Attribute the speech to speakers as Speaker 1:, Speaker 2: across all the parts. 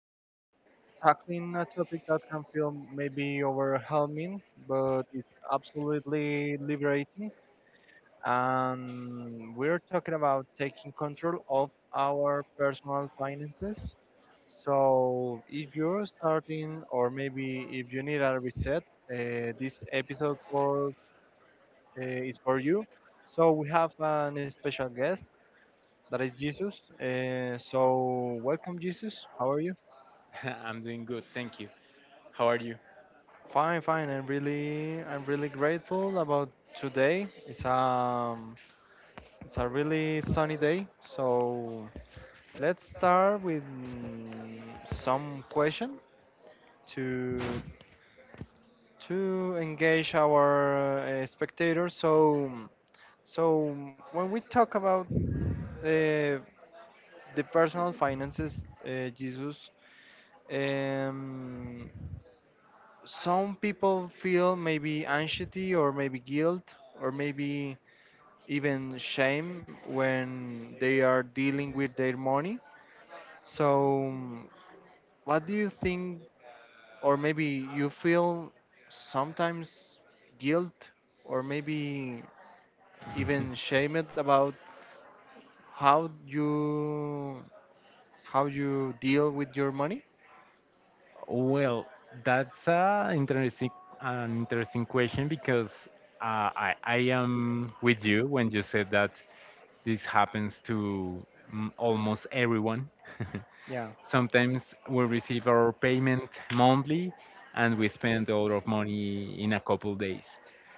Speaker 1: we're tackling a topic that can feel maybe overwhelming, but it's absolutely liberating. And we're talking about taking control of our personal finances. So if you're starting, or maybe if you need a reset, this episode for is for you. So we have an special guest. That is Jesus. So welcome, Jesus. How are you?
Speaker 2: I'm doing good, thank you. How are you?
Speaker 1: Fine, fine. I'm really grateful about today. It's a really sunny day. So let's start with some question to to engage our spectators. So when we talk about uh, the personal finances, Jesus, um, some people feel maybe anxiety or maybe guilt or maybe even shame when they are dealing with their money. So, what do you think, or maybe you feel sometimes guilt or maybe even shamed about how you how you deal with your money?
Speaker 2: Well, that's an interesting question because I am with you when you said that this happens to almost everyone.
Speaker 1: Yeah,
Speaker 2: Sometimes we receive our payment monthly and we spend a lot of money in a couple days.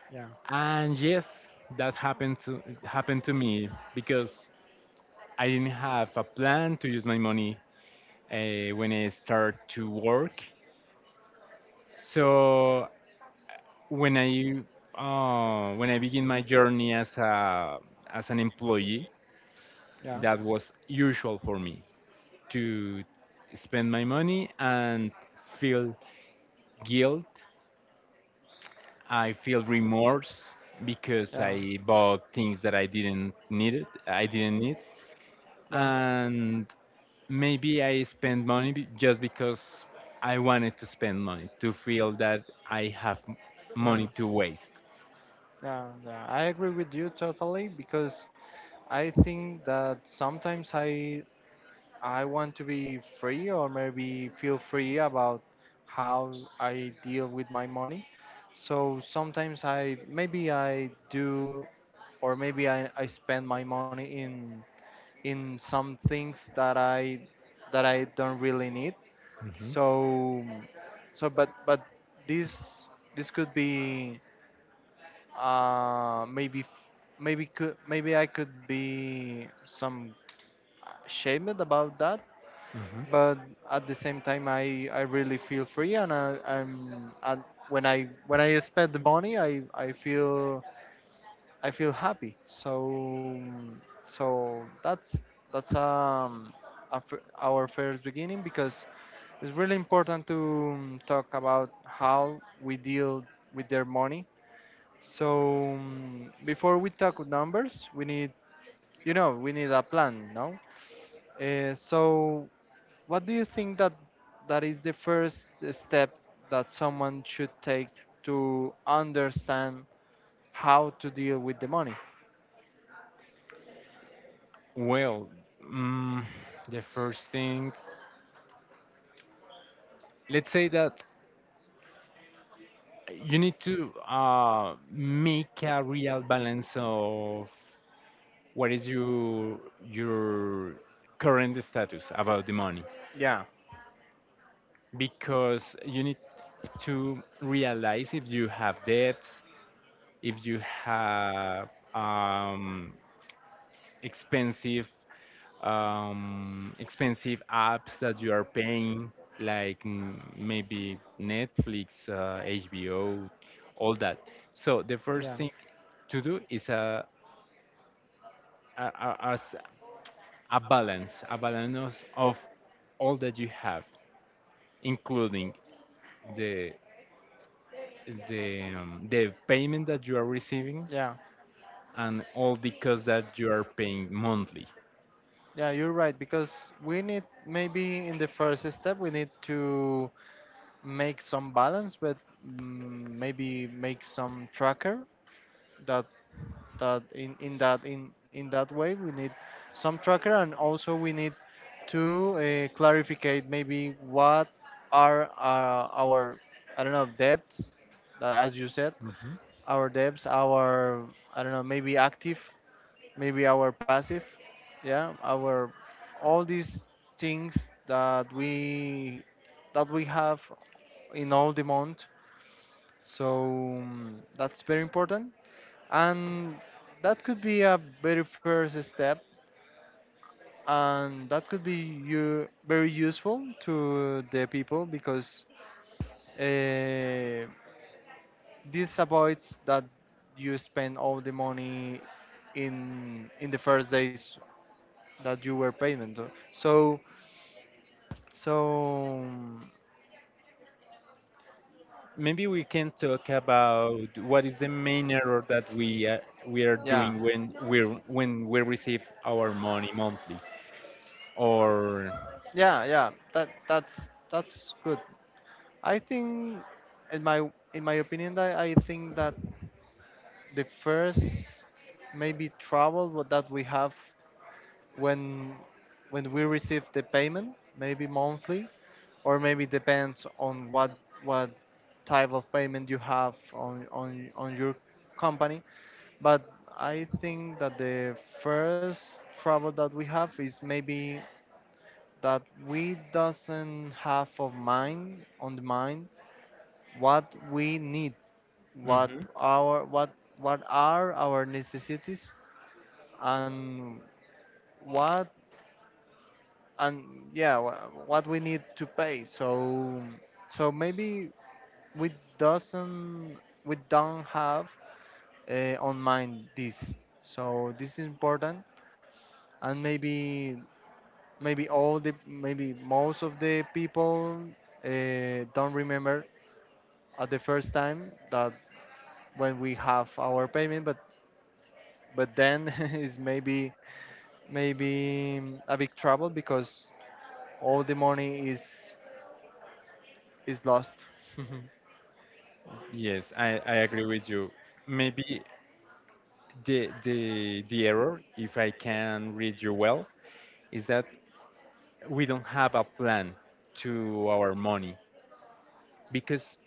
Speaker 1: yeah,
Speaker 2: And yes, that happened to me because I didn't have a plan to use my money when I start to work. So when I when I begin my journey as a as an employee,
Speaker 1: yeah,
Speaker 2: that was usual for me to spend my money and feel guilt. I feel remorse because
Speaker 1: yeah.
Speaker 2: I bought things that I didn't need it. I didn't need,
Speaker 1: Yeah.
Speaker 2: and maybe I spend money just because I wanted to spend money to feel that I have
Speaker 1: Yeah.
Speaker 2: money to waste.
Speaker 1: Yeah, yeah, I agree with you totally because I think that sometimes I want to be free or maybe feel free about how I deal with my money. So sometimes I maybe I do or maybe I spend my money in some things that I don't really need.
Speaker 2: Hmm.
Speaker 1: So so but this this could be maybe f- maybe could maybe I could be some ashamed about that
Speaker 2: Hmm.
Speaker 1: but at the same time I really feel free and I, I'm and when I spend the money I feel I feel happy. So that's um our first beginning because it's really important to talk about how we deal with their money. So before we talk with numbers, we need we need a plan, no? So what do you think that that is the first step that someone should take to understand how to deal with the money?
Speaker 2: Well, mm, the first thing, let's say that you need to make a real balance of what is your current status about the money,
Speaker 1: Yeah.
Speaker 2: because you need to realize if you have debts, if you have um, expensive expensive apps that you are paying, like maybe Netflix, HBO, all that. So the first
Speaker 1: Yeah,
Speaker 2: thing to do is a s- a balance of all that you have, including the the payment that you are receiving
Speaker 1: yeah,
Speaker 2: and all the costs that you are paying monthly.
Speaker 1: yeah, you're right because we need maybe in the first step we need to make some balance but maybe make some tracker that that in that way we need some tracker and also we need to clarify maybe what are our I don't know debts as you said our debts our I don't know maybe active maybe our passive yeah our all these things that we have in all the month so that's very important and that could be a very first step and that could be you very useful to the people because uh, this avoids that you spend all the money in the first days that you were payment so so
Speaker 2: Maybe we can talk about what is the main error that we are
Speaker 1: yeah
Speaker 2: doing when we receive our money monthly. Or.
Speaker 1: yeah yeah, that's good I think, in my opinion, that I think that the first maybe trouble that we have when when we receive the payment, maybe monthly, or maybe depends on what type of payment you have on on your company. But I think that the first trouble that we have is maybe that we doesn't have of mind on the mind what we need what
Speaker 2: Mhm.
Speaker 1: our what what are our necessities and what and what we need to pay so maybe we doesn't we don't have on mind this so this is important and maybe most of the people don't remember at the first time that when we have our payment but then is maybe a big trouble because all the money is lost.
Speaker 2: Yes, I agree with you. Maybe the error, if I can read you well, is that we don't have a plan to our money, because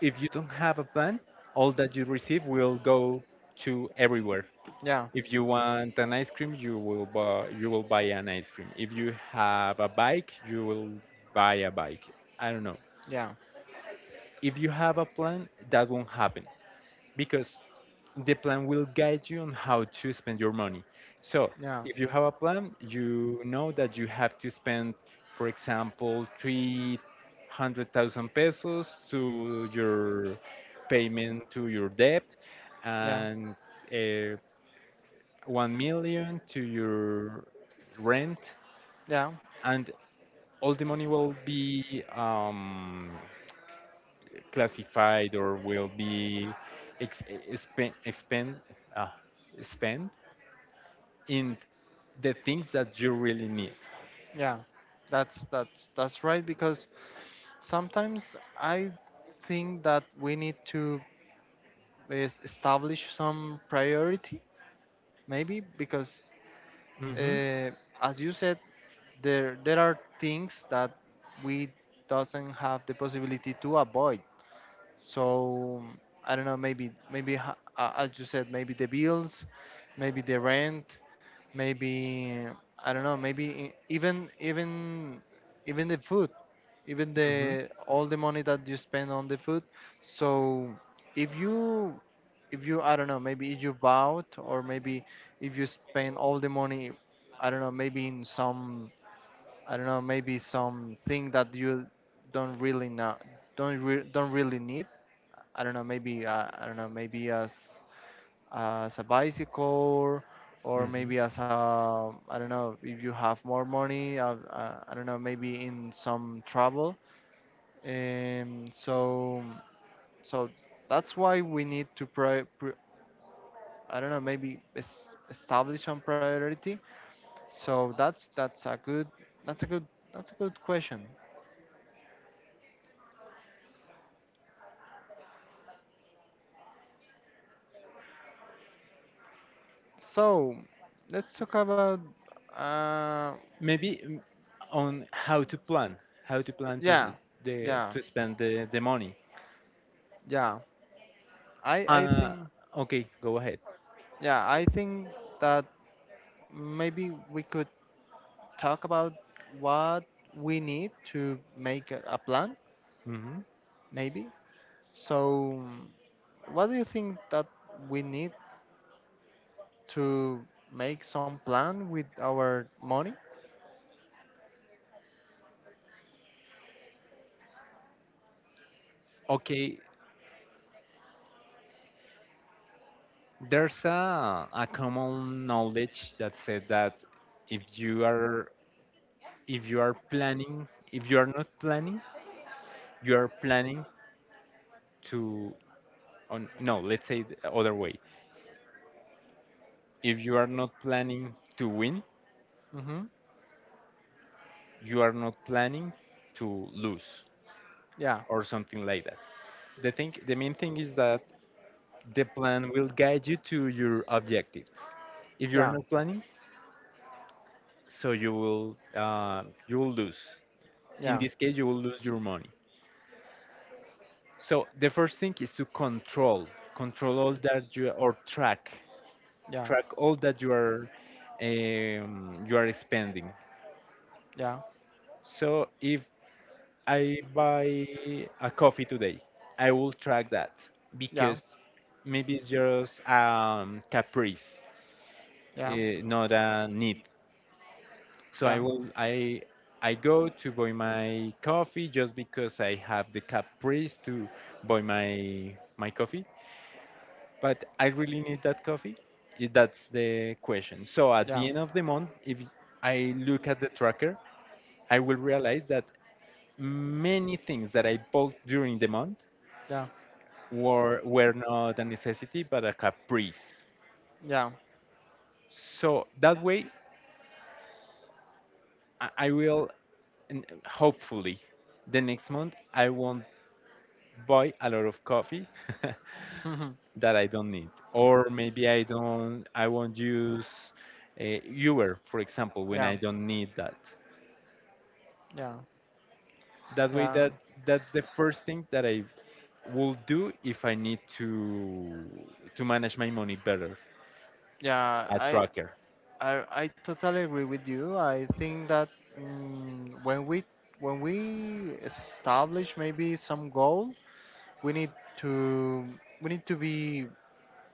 Speaker 2: if you don't have a plan, all that you receive will go to everywhere.
Speaker 1: yeah,
Speaker 2: If you want an ice cream, you will buy an ice cream. If you have a bike, you will buy a bike. I don't know.
Speaker 1: yeah,
Speaker 2: If you have a plan, that won't happen because the plan will guide you on how to spend your money. So,
Speaker 1: yeah,
Speaker 2: if you have a plan, you know that you have to spend, for example, 300,000 pesos to your payment, to your debt,
Speaker 1: yeah,
Speaker 2: and uh, 1 million to your rent,
Speaker 1: yeah,
Speaker 2: and all the money will be um, classified, or will be ex- expend, expend, uh, spent in the things that you really need.
Speaker 1: yeah. That's right because sometimes I think that we need to is establish some priority maybe because
Speaker 2: Hmm.
Speaker 1: uh, as you said, there are things that we doesn't have the possibility to avoid. So I don't know, maybe as you said, maybe the bills, maybe the rent, maybe I don't know, maybe even even the food, even
Speaker 2: Hmm.
Speaker 1: the all the money that you spend on the food. So if you if you I don't know, maybe if you bought or maybe if you spend all the money, I don't know, maybe in some I don't know, maybe some thing that you don't really not don't really need I don't know, maybe I don't know, maybe as a bicycle or
Speaker 2: Hmm.
Speaker 1: maybe as a I don't know if you have more money. I don't know, maybe in some trouble. Um, so so that's why we need to I don't know, maybe establish some priority. So that's a good, that's a good question. So let's talk about uh,
Speaker 2: Maybe, on how to plan to s-
Speaker 1: yeah
Speaker 2: the
Speaker 1: yeah
Speaker 2: to spend the money.
Speaker 1: Yeah, I
Speaker 2: Uh,
Speaker 1: think
Speaker 2: okay, go ahead.
Speaker 1: yeah, I think that maybe we could talk about what we need to make a plan,
Speaker 2: Hmm.
Speaker 1: maybe. So, what do you think that we need to make some plan with our money?
Speaker 2: Okay, there's a common knowledge that said that, if you are if you are planning, if you are not planning, you are planning to on, no, let's say the other way. If you are not planning to win,
Speaker 1: Mm-hmm.
Speaker 2: you are not planning to lose,
Speaker 1: Yeah,
Speaker 2: or something like that. The main thing is that the plan will guide you to your objectives. If you're
Speaker 1: yeah,
Speaker 2: not planning, so you will lose. In
Speaker 1: yeah, yeah,
Speaker 2: this case, you will lose your money. So the first thing is to control all that you or track all that you are spending.
Speaker 1: yeah,
Speaker 2: So if I buy a coffee today, I will track that,
Speaker 1: yeah,
Speaker 2: because maybe it's just caprice, uh, not a need. So I
Speaker 1: yeah, yeah.
Speaker 2: will I go to buy my coffee just because I have the caprice to buy my coffee, but I really need that coffee? That's the question. So at the
Speaker 1: Yeah.
Speaker 2: end of the month, if I look at the tracker, I will realize that many things that I bought during the month
Speaker 1: Yeah.
Speaker 2: were not a necessity but a caprice.
Speaker 1: Yeah.
Speaker 2: So that way, I will hopefully the next month I won't buy a lot of coffee. That I don't need, or maybe I won't use Uber, for example, when
Speaker 1: yeah.
Speaker 2: I don't need that.
Speaker 1: Yeah.
Speaker 2: That way
Speaker 1: Yeah.
Speaker 2: that That's the first thing that I will do if I need to manage my money better:
Speaker 1: Yeah.
Speaker 2: a
Speaker 1: I,
Speaker 2: tracker.
Speaker 1: I I totally agree with you. I think that mm, when we when we establish maybe some goal, we need to we need to be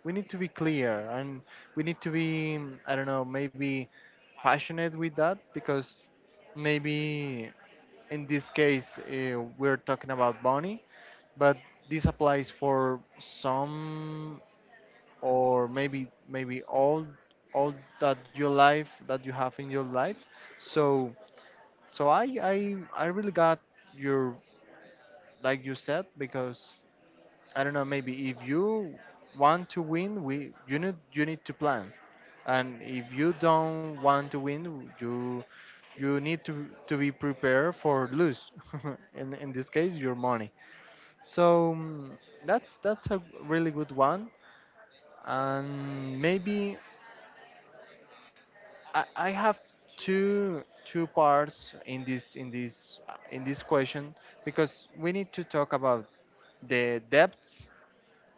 Speaker 1: we need to be clear and we need to be I don't know maybe passionate with that because maybe in this case we're talking about money but this applies for some or maybe all that your life that you have in your life so so i really got your like you said because I don't know, maybe if you want to win, we you need to plan, and if you don't want to win, you need to be prepared for lose. In this case, your money. So that's a really good one, and maybe I have two two parts in this in this question because we need to talk about the debts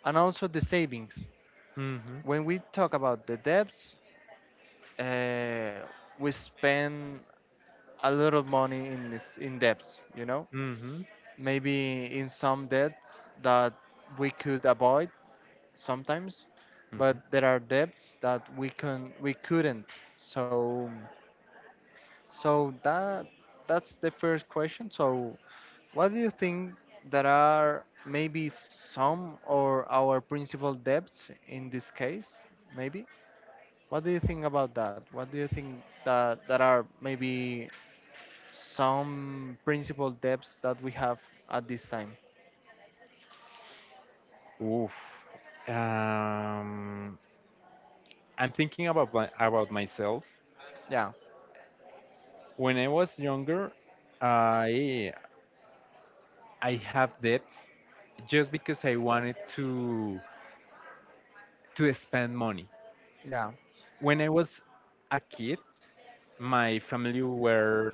Speaker 1: and also the savings
Speaker 2: Mm-hmm.
Speaker 1: When we talk about the debts, uh, we spend a little money in this, in debts. You know,
Speaker 2: Mm-hmm.
Speaker 1: maybe in some debts that we could avoid sometimes, but
Speaker 2: Mm-hmm.
Speaker 1: there are debts that we can we couldn't. So so that that's the first question. So what do you think that are maybe some or our principal debts in this case? Maybe. What do you think about that? What do you think that that are maybe some principal debts that we have at this time?
Speaker 2: Oof. Um, I'm thinking about about myself.
Speaker 1: Yeah,
Speaker 2: When I was younger, I I have debts just because I wanted to spend money.
Speaker 1: yeah,
Speaker 2: When I was a kid, my family were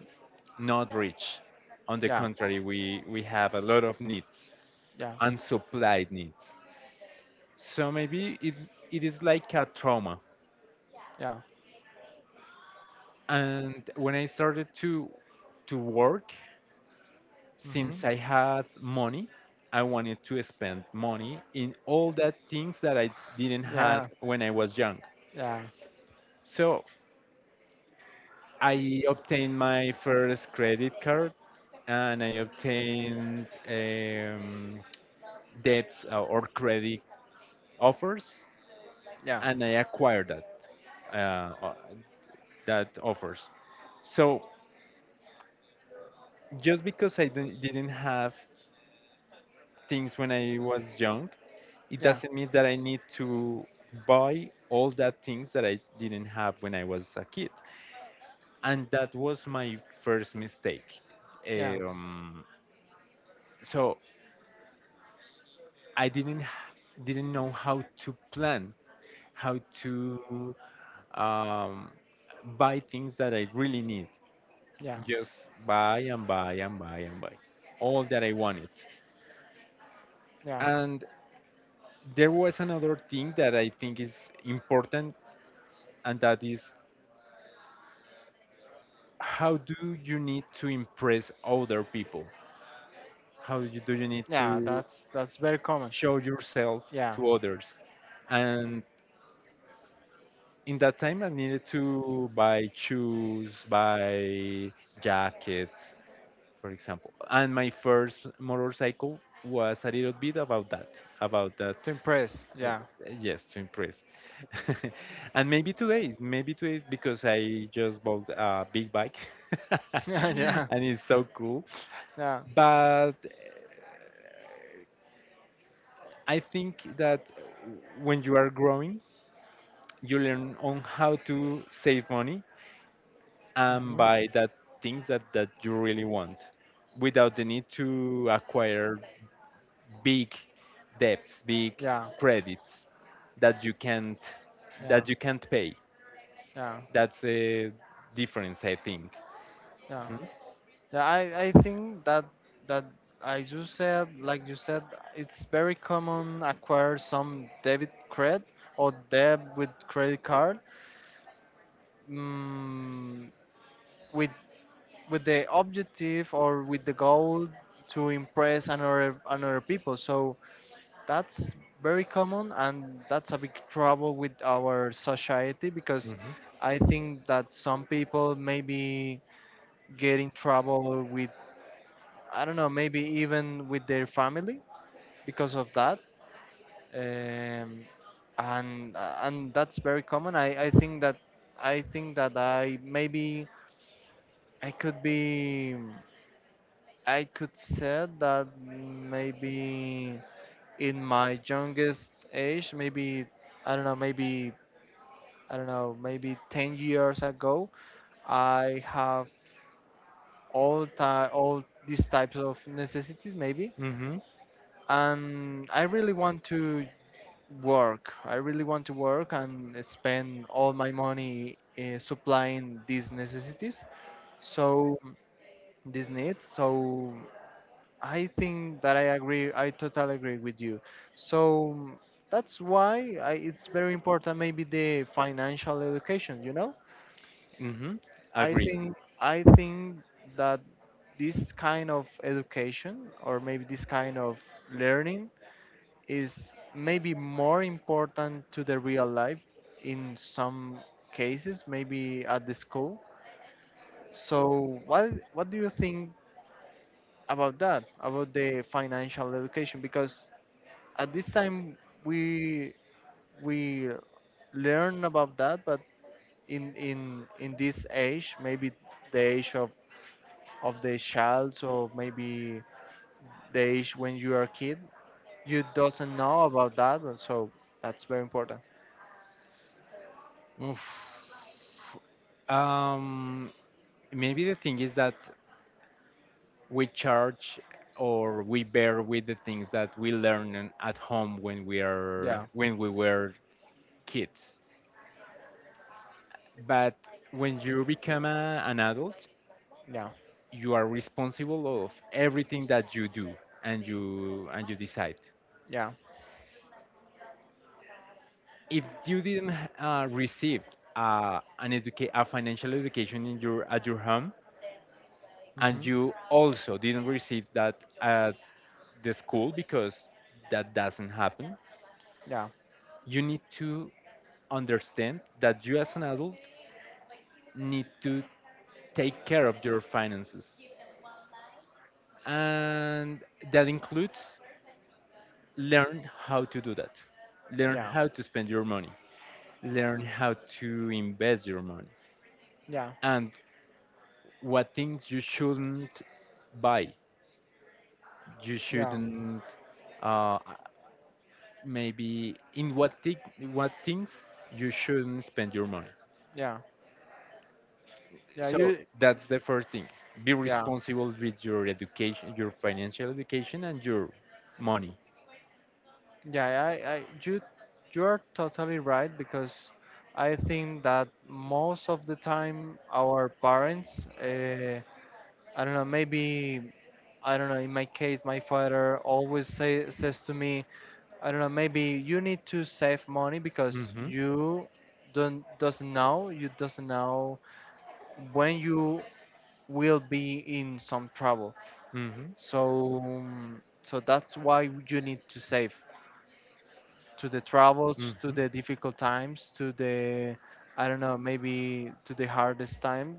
Speaker 2: not rich. On the
Speaker 1: yeah,
Speaker 2: contrary, we have a lot of needs
Speaker 1: yeah,
Speaker 2: unsupplied needs. So maybe it is like a trauma.
Speaker 1: yeah.
Speaker 2: And when I started to work,
Speaker 1: hmm
Speaker 2: since I had money, I wanted to spend money in all the things that I didn't have
Speaker 1: Yeah,
Speaker 2: when I was young.
Speaker 1: yeah,
Speaker 2: So I obtained my first credit card, and I obtained debts, or credit offers,
Speaker 1: yeah,
Speaker 2: and I acquired that offers. So just because I didn't have things when I was young, it
Speaker 1: yeah,
Speaker 2: doesn't mean that I need to buy all that things that I didn't have when I was a kid. And that was my first mistake.
Speaker 1: Yeah.
Speaker 2: Um, so I didn't know how to plan, how to um, buy things that I really need.
Speaker 1: Yeah.
Speaker 2: Just buy and buy and buy and buy all that I wanted.
Speaker 1: Yeah.
Speaker 2: And there was another thing that I think is important, and that is, how do you need to impress other people? Do you need
Speaker 1: Yeah.
Speaker 2: to
Speaker 1: That's very common.
Speaker 2: show yourself
Speaker 1: Yeah.
Speaker 2: to others? And in that time, I needed to buy shoes, buy jackets, for example. And my first motorcycle was a little bit about that, about that
Speaker 1: To impress.
Speaker 2: uh,
Speaker 1: Yeah.
Speaker 2: yes, to impress. And maybe today, because I just bought a big bike,
Speaker 1: yeah.
Speaker 2: and it's so cool.
Speaker 1: Yeah.
Speaker 2: But I think that when you are growing, you learn on how to save money and
Speaker 1: hmm
Speaker 2: buy that things that you really want, without the need to acquire big debts, big
Speaker 1: Yeah.
Speaker 2: credits that you can't
Speaker 1: Yeah.
Speaker 2: that you can't pay.
Speaker 1: Yeah.
Speaker 2: That's the difference, I think.
Speaker 1: Yeah.
Speaker 2: Mm-hmm.
Speaker 1: Yeah, I think that that I just said, like you said, it's very common acquire some debit credit or debt with credit card, mm, with with the objective or with the goal to impress another people. So that's very common, and that's a big trouble with our society because I think that some people maybe get in trouble with I don't know, maybe even with their family because of that. Um, and that's very common. I think that I think that I maybe I could be I could say that maybe in my youngest age, maybe I don't know, maybe I don't know, maybe 10 years ago, I have all ti all these types of necessities maybe
Speaker 2: Mm-hmm.
Speaker 1: and I really want to work. I really want to work and spend all my money supplying these necessities. So these needs. So I think that I agree. I totally agree with you. So that's why I, it's very important. Maybe the financial education. You know,
Speaker 2: Mm-hmm.
Speaker 1: I
Speaker 2: Agree.
Speaker 1: think I think that this kind of education or maybe this kind of learning is maybe more important to the real life in some cases, maybe at the school. So what do you think about that? About the financial education? Because at this time we we learn about that, but in this age, maybe the age of the child, so maybe the age when you are a kid, you doesn't know about that. So that's very important.
Speaker 2: Oof. Um, Maybe the thing is that we charge or we bear with the things that we learn at home, when we
Speaker 1: Yeah,
Speaker 2: are when we were kids. But when you become an adult, you are responsible of everything that you do, and you decide.
Speaker 1: Yeah.
Speaker 2: If you didn't receive a financial education in your at your home, and
Speaker 1: Mhm.
Speaker 2: you also didn't receive that at the school, because that doesn't happen,
Speaker 1: Yeah.
Speaker 2: you need to understand that you as an adult need to take care of your finances, and that includes learn how to do that, learn
Speaker 1: Yeah.
Speaker 2: how to spend your money, learn how to invest your money,
Speaker 1: Yeah.
Speaker 2: and what things you shouldn't buy, you
Speaker 1: Yeah.
Speaker 2: shouldn't uh, maybe what things you shouldn't spend your money.
Speaker 1: Yeah. Yeah.
Speaker 2: So
Speaker 1: You.
Speaker 2: that's the first thing: be
Speaker 1: Yeah.
Speaker 2: responsible with your education, your financial education, and your money.
Speaker 1: Yeah. I. I. You. You are totally right because I think that most of the time our parents. I don't know. Maybe. I don't know. In my case, my father always say, says to me, I don't know. Maybe you need to save money because
Speaker 2: Mhm.
Speaker 1: you don't doesn't know. You doesn't know when you will be in some trouble
Speaker 2: Mhm.
Speaker 1: So, so that's why you need to save to the travels, to
Speaker 2: Hmm.
Speaker 1: the difficult times, to the, I don't know, maybe to the hardest time.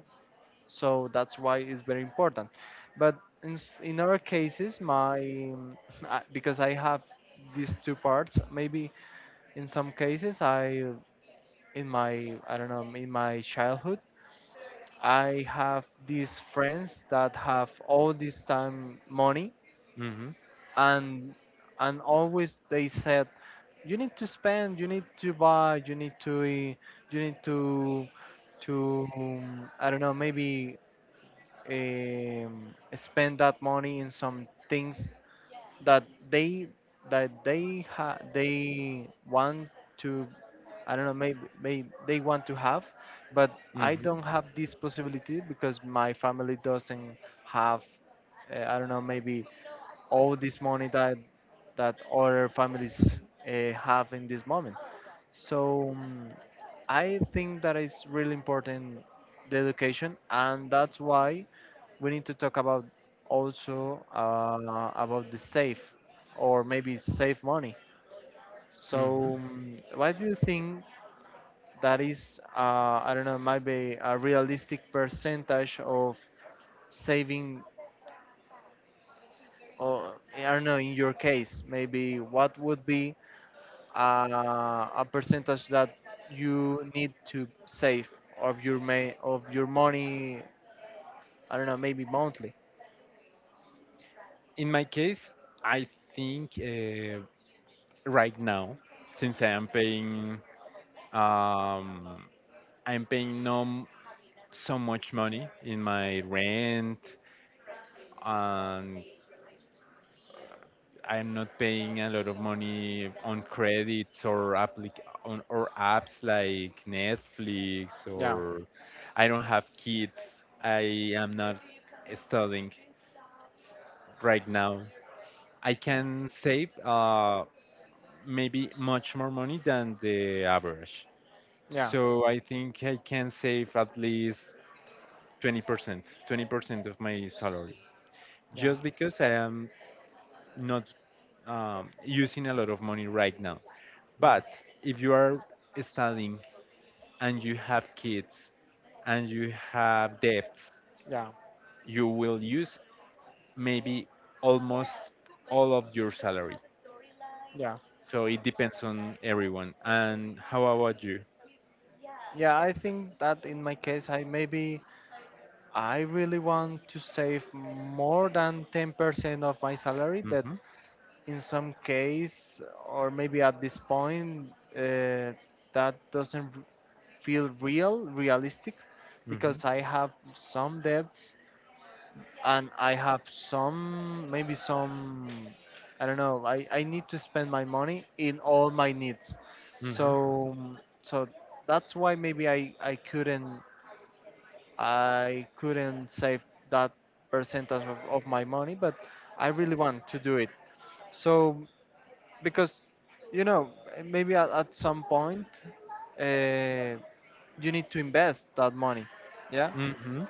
Speaker 1: So that's why it's very important. But in other cases, my, because I have these two parts, maybe in some cases, I, in my, I don't know, in my childhood, I have these friends that have all this time money and and always they said you need to spend, you need to buy, you need to you need to I don't know, maybe spend that money in some things that they they want to. I don't know, maybe, maybe they want to have, but I
Speaker 2: Hmm.
Speaker 1: don't have this possibility because my family doesn't have, I don't know, maybe all this money that that other families have in this moment. So I think that is really important, the education, and that's why we need to talk about also, about the safe, or maybe save money.
Speaker 2: Mm-hmm.
Speaker 1: So, why do you think that is, I don't know, maybe a realistic percentage of saving, or I don't know, in your case, maybe what would be a percentage that you need to save of your may of your money? I don't know, maybe monthly.
Speaker 2: In my case, I think right now, since I am paying um, I'm paying no so much money in my rent, and I'm not paying a lot of money on credits or applic on or apps like Netflix,
Speaker 1: Yeah,
Speaker 2: or I don't have kids. I am not studying right now. I
Speaker 1: yeah,
Speaker 2: can save maybe much more money than the average.
Speaker 1: yeah,
Speaker 2: So I think I can save at least 20%, 20% of my salary,
Speaker 1: yeah,
Speaker 2: just because I am not using a lot of money right now.
Speaker 1: yeah,
Speaker 2: But if you are studying and you have kids and you have debts,
Speaker 1: yeah,
Speaker 2: you will use maybe almost all of your salary.
Speaker 1: yeah.
Speaker 2: So it depends on everyone. And how about you?
Speaker 1: Yeah, I think that in my case, I maybe I really want to save more than 10% of my salary, but
Speaker 2: Hmm.
Speaker 1: in some case, or maybe at this point, uh, that doesn't r- feel real, realistic,
Speaker 2: Hmm.
Speaker 1: because I have some debts and I have some, maybe some, I don't know, I need to spend my money in all my needs.
Speaker 2: Hmm.
Speaker 1: So, so, that's why maybe I couldn't save that percentage of my money, but I really want to do it. So, because, you know, maybe at some point, uh, you need to invest that money. Yeah?
Speaker 2: Hmm.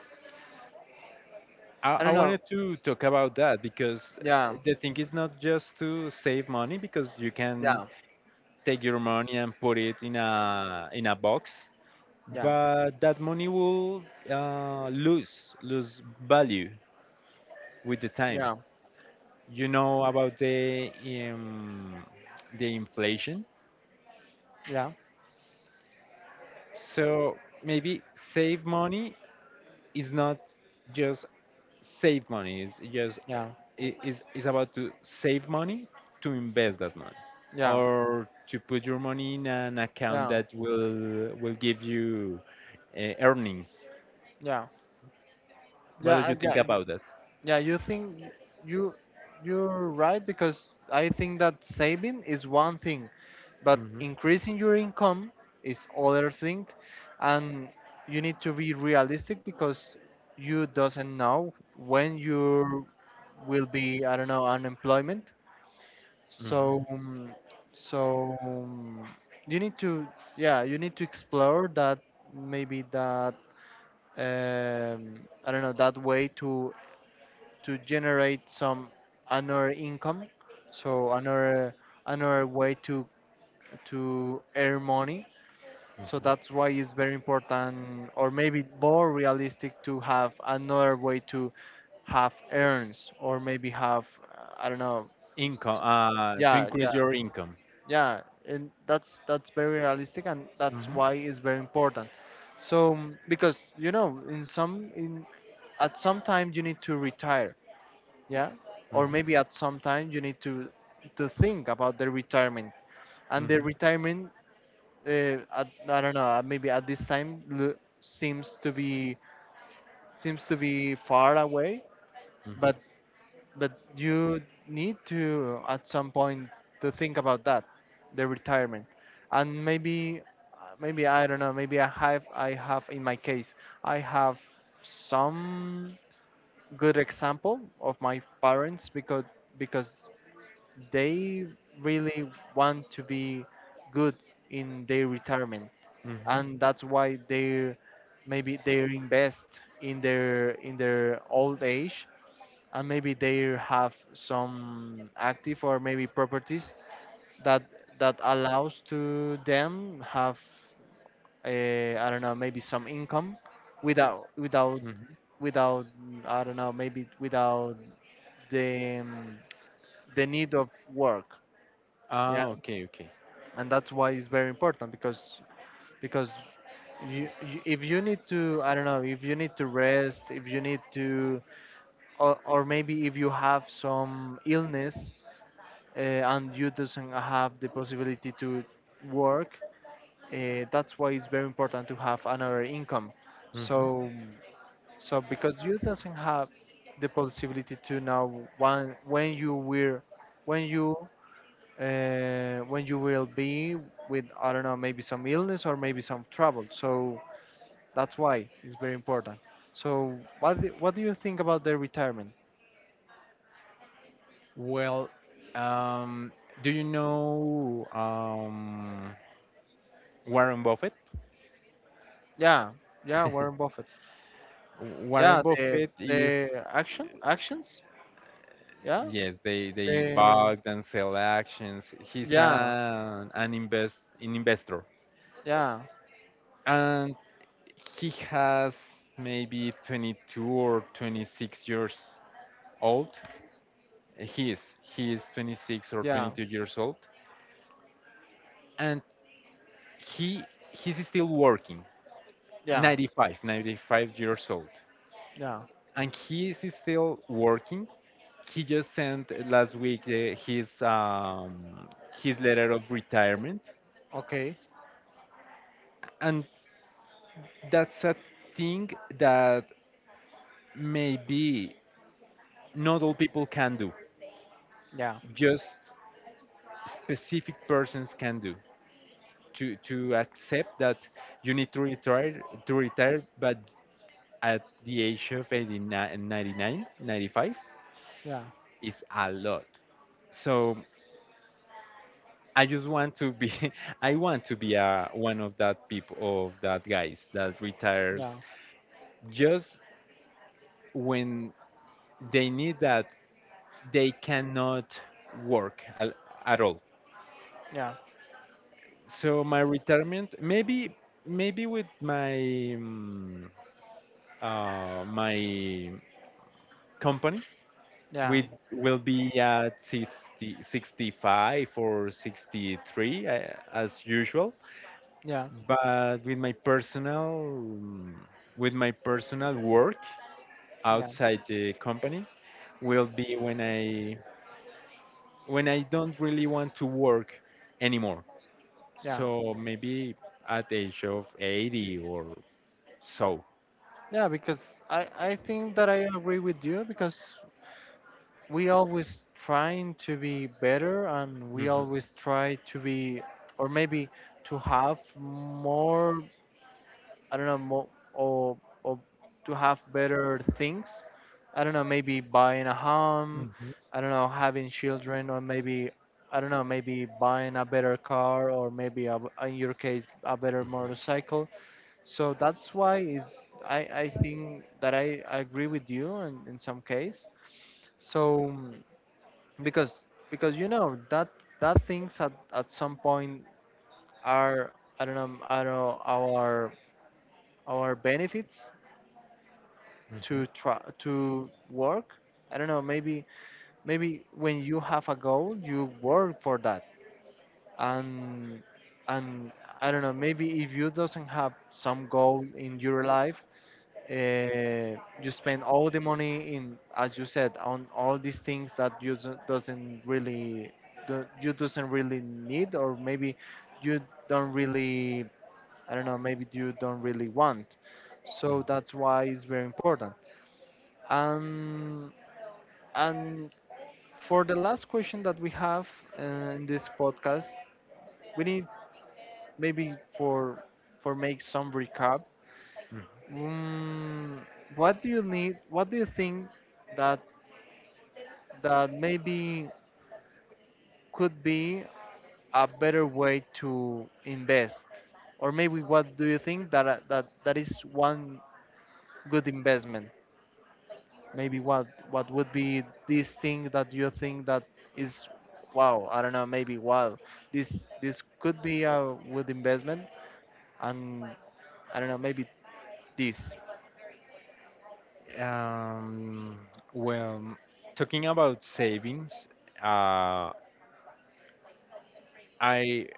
Speaker 2: I,
Speaker 1: I
Speaker 2: I
Speaker 1: don't know.
Speaker 2: wanted to talk about that because
Speaker 1: Yeah,
Speaker 2: the thing is not just to save money, because you can
Speaker 1: yeah,
Speaker 2: take your money and put it in a box,
Speaker 1: yeah,
Speaker 2: but that money will lose value with the time.
Speaker 1: yeah,
Speaker 2: You know about the inflation.
Speaker 1: yeah,
Speaker 2: So maybe save money is not just save money, it's just
Speaker 1: yeah,
Speaker 2: it is is about to save money to invest that money,
Speaker 1: yeah,
Speaker 2: or to put your money in an account
Speaker 1: yeah,
Speaker 2: that will give you earnings.
Speaker 1: yeah.
Speaker 2: What
Speaker 1: Yeah,
Speaker 2: do
Speaker 1: I-
Speaker 2: you think
Speaker 1: yeah,
Speaker 2: about that?
Speaker 1: Yeah, you you're right because I think that saving is one thing, but
Speaker 2: Hmm.
Speaker 1: increasing your income is other thing, and you need to be realistic because you doesn't know when you will be, I don't know, unemployment.
Speaker 2: Hmm.
Speaker 1: So um, so, you need to, yeah, you need to explore that, maybe that, I don't know, that way to generate some another income, so another another way to earn money. So that's why it's very important, or maybe more realistic, to have another way to have earns, or maybe have I don't know.
Speaker 2: Income, to
Speaker 1: Yeah,
Speaker 2: increase
Speaker 1: yeah,
Speaker 2: your income.
Speaker 1: yeah, and that's very realistic, and that's
Speaker 2: Hmm.
Speaker 1: why it's very important. So, because you know, in some in at some time you need to retire, yeah, or
Speaker 2: Hmm.
Speaker 1: maybe at some time you need to think about the retirement. And the retirement, at, I don't know, maybe at this time seems to be far away.
Speaker 2: Hmm.
Speaker 1: But but you need to, at some point, to think about that, the retirement. And maybe, maybe I don't know maybe I have in my case, I have some good example of my parents because they really want to be good in their retirement.
Speaker 2: Hmm.
Speaker 1: And that's why they're, maybe they invest in their old age. And maybe they have some active or maybe properties that that allows to them have, I don't know, maybe some income without without
Speaker 2: Hmm.
Speaker 1: without I don't know, maybe without the um, the need of work. Yeah,
Speaker 2: Ah, okay, okay.
Speaker 1: and that's why it's very important because if you need to, I don't know, if you need to rest, if you need to, or maybe if you have some illness, and you doesn't have the possibility to work, that's why it's very important to have another income.
Speaker 2: Hmm.
Speaker 1: So so because you doesn't have the possibility to know when, when you when you will be with, I don't know, maybe some illness or maybe some trouble. So that's why it's very important. So what do you think about the retirement?
Speaker 2: Well, um, do you know Warren Buffett?
Speaker 1: Yeah, yeah, Warren Buffett.
Speaker 2: Warren
Speaker 1: Yeah, the
Speaker 2: Buffett is,
Speaker 1: the actions. Yeah,
Speaker 2: yes, they
Speaker 1: the,
Speaker 2: bought and sell actions. He's
Speaker 1: yeah,
Speaker 2: an investor.
Speaker 1: yeah,
Speaker 2: And he has maybe 22 or 26 years old. He is. He is 26 or
Speaker 1: yeah,
Speaker 2: 22 years old. And he he's still working.
Speaker 1: yeah,
Speaker 2: 95 years old.
Speaker 1: yeah.
Speaker 2: And he is still working. He just sent last week his letter of retirement.
Speaker 1: Okay.
Speaker 2: And that's a thing that maybe not all people can do.
Speaker 1: Yeah,
Speaker 2: Just specific persons can do. To accept that you need to retire, but at the age of 89, 99, 95
Speaker 1: yeah,
Speaker 2: is a lot. So I just want to be— I want to be one of that people, of that guys that retires
Speaker 1: yeah,
Speaker 2: just when they need, that they cannot work at all.
Speaker 1: yeah,
Speaker 2: So my retirement, maybe with my company,
Speaker 1: yeah.
Speaker 2: we will be at 60, 65, or 63, as usual.
Speaker 1: Yeah,
Speaker 2: But with my personal work
Speaker 1: yeah,
Speaker 2: outside the company, will be when I don't really want to work anymore.
Speaker 1: yeah,
Speaker 2: So maybe at the age of 80 or so.
Speaker 1: yeah. Because I think that I agree with you because we always trying to be better, and we
Speaker 2: Mhm.
Speaker 1: always try to be, or maybe to have more, I don't know, more, or or to have better things. I don't know, maybe buying a home.
Speaker 2: Mhm.
Speaker 1: I don't know, having children, or maybe. I don't know, maybe buying a better car, or maybe a, in your case, a better
Speaker 2: Mhm.
Speaker 1: motorcycle. So that's why is, I, I think that I agree with you in some case. So, because because you know that that things at some point are, I don't know, our benefits to
Speaker 2: Mhm.
Speaker 1: try to work. I don't know, maybe maybe when you have a goal, you work for that. And and I don't know, maybe if you doesn't have some goal in your life, you spend all the money in, as you said, on all these things that you doesn't really do, you doesn't really need, or maybe you don't really, I don't know, maybe you don't really want. So that's why it's very important. And and for the last question that we have uh, in this podcast, we need maybe for make some recap.
Speaker 2: Mhm.
Speaker 1: Mm, what do you need? What do you think that that maybe could be a better way to invest, or maybe what do you think that that that is one good investment? Maybe what would be this thing that you think that is wow? I don't know. Maybe wow. This could be a good investment, and I don't know, maybe this.
Speaker 2: Um, well, talking about savings, uh, I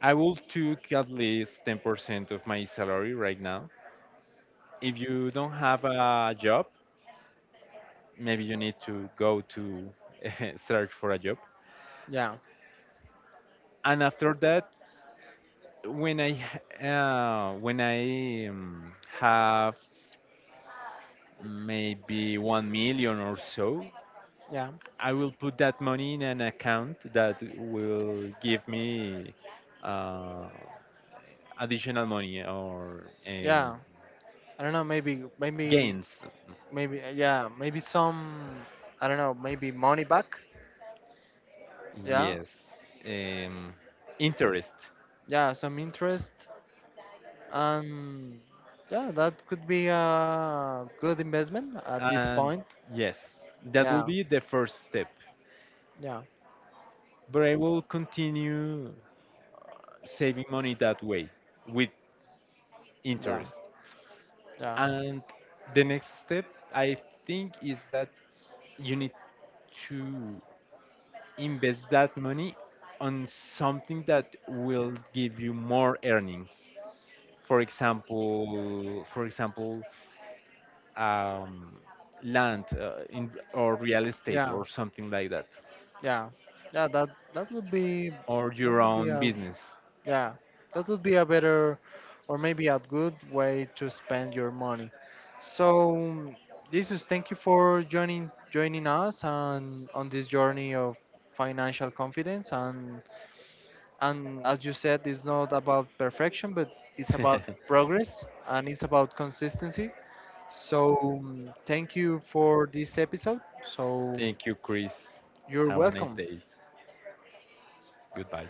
Speaker 2: I will take at least 10% of my salary right now. If you don't have a job, maybe you need to go to— search for a job.
Speaker 1: Yeah.
Speaker 2: And after that, when I have maybe 1 million or so,
Speaker 1: Yeah.
Speaker 2: I will put that money in an account that will give me. Uh, Additional money, or
Speaker 1: Yeah, I don't know. Maybe, maybe,
Speaker 2: gains.
Speaker 1: maybe. uh, yeah, maybe some. I don't know, maybe money back. Yeah,
Speaker 2: Yes, interest.
Speaker 1: yeah, some interest, and yeah, that could be a good investment at this
Speaker 2: And
Speaker 1: point.
Speaker 2: yes, that will
Speaker 1: Yeah,
Speaker 2: be the first step.
Speaker 1: yeah,
Speaker 2: But I will continue saving money that way, with
Speaker 1: yeah,
Speaker 2: interest.
Speaker 1: yeah,
Speaker 2: And the next step, I think, is that you need to invest that money on something that will give you more earnings. For example, um, land, or real estate
Speaker 1: yeah,
Speaker 2: or something like that,
Speaker 1: yeah, yeah. That would be
Speaker 2: or
Speaker 1: that
Speaker 2: your
Speaker 1: would be
Speaker 2: own
Speaker 1: a
Speaker 2: business.
Speaker 1: yeah, that would be a better, or maybe a good way to spend your money. So, Jesus, thank you for joining joining us on this journey of financial confidence, and as you said, it's not about perfection, but it's about progress and it's about consistency. So, thank you for this episode. So,
Speaker 2: Thank you, Chris.
Speaker 1: you're
Speaker 2: Have a nice
Speaker 1: welcome.
Speaker 2: day. Goodbye.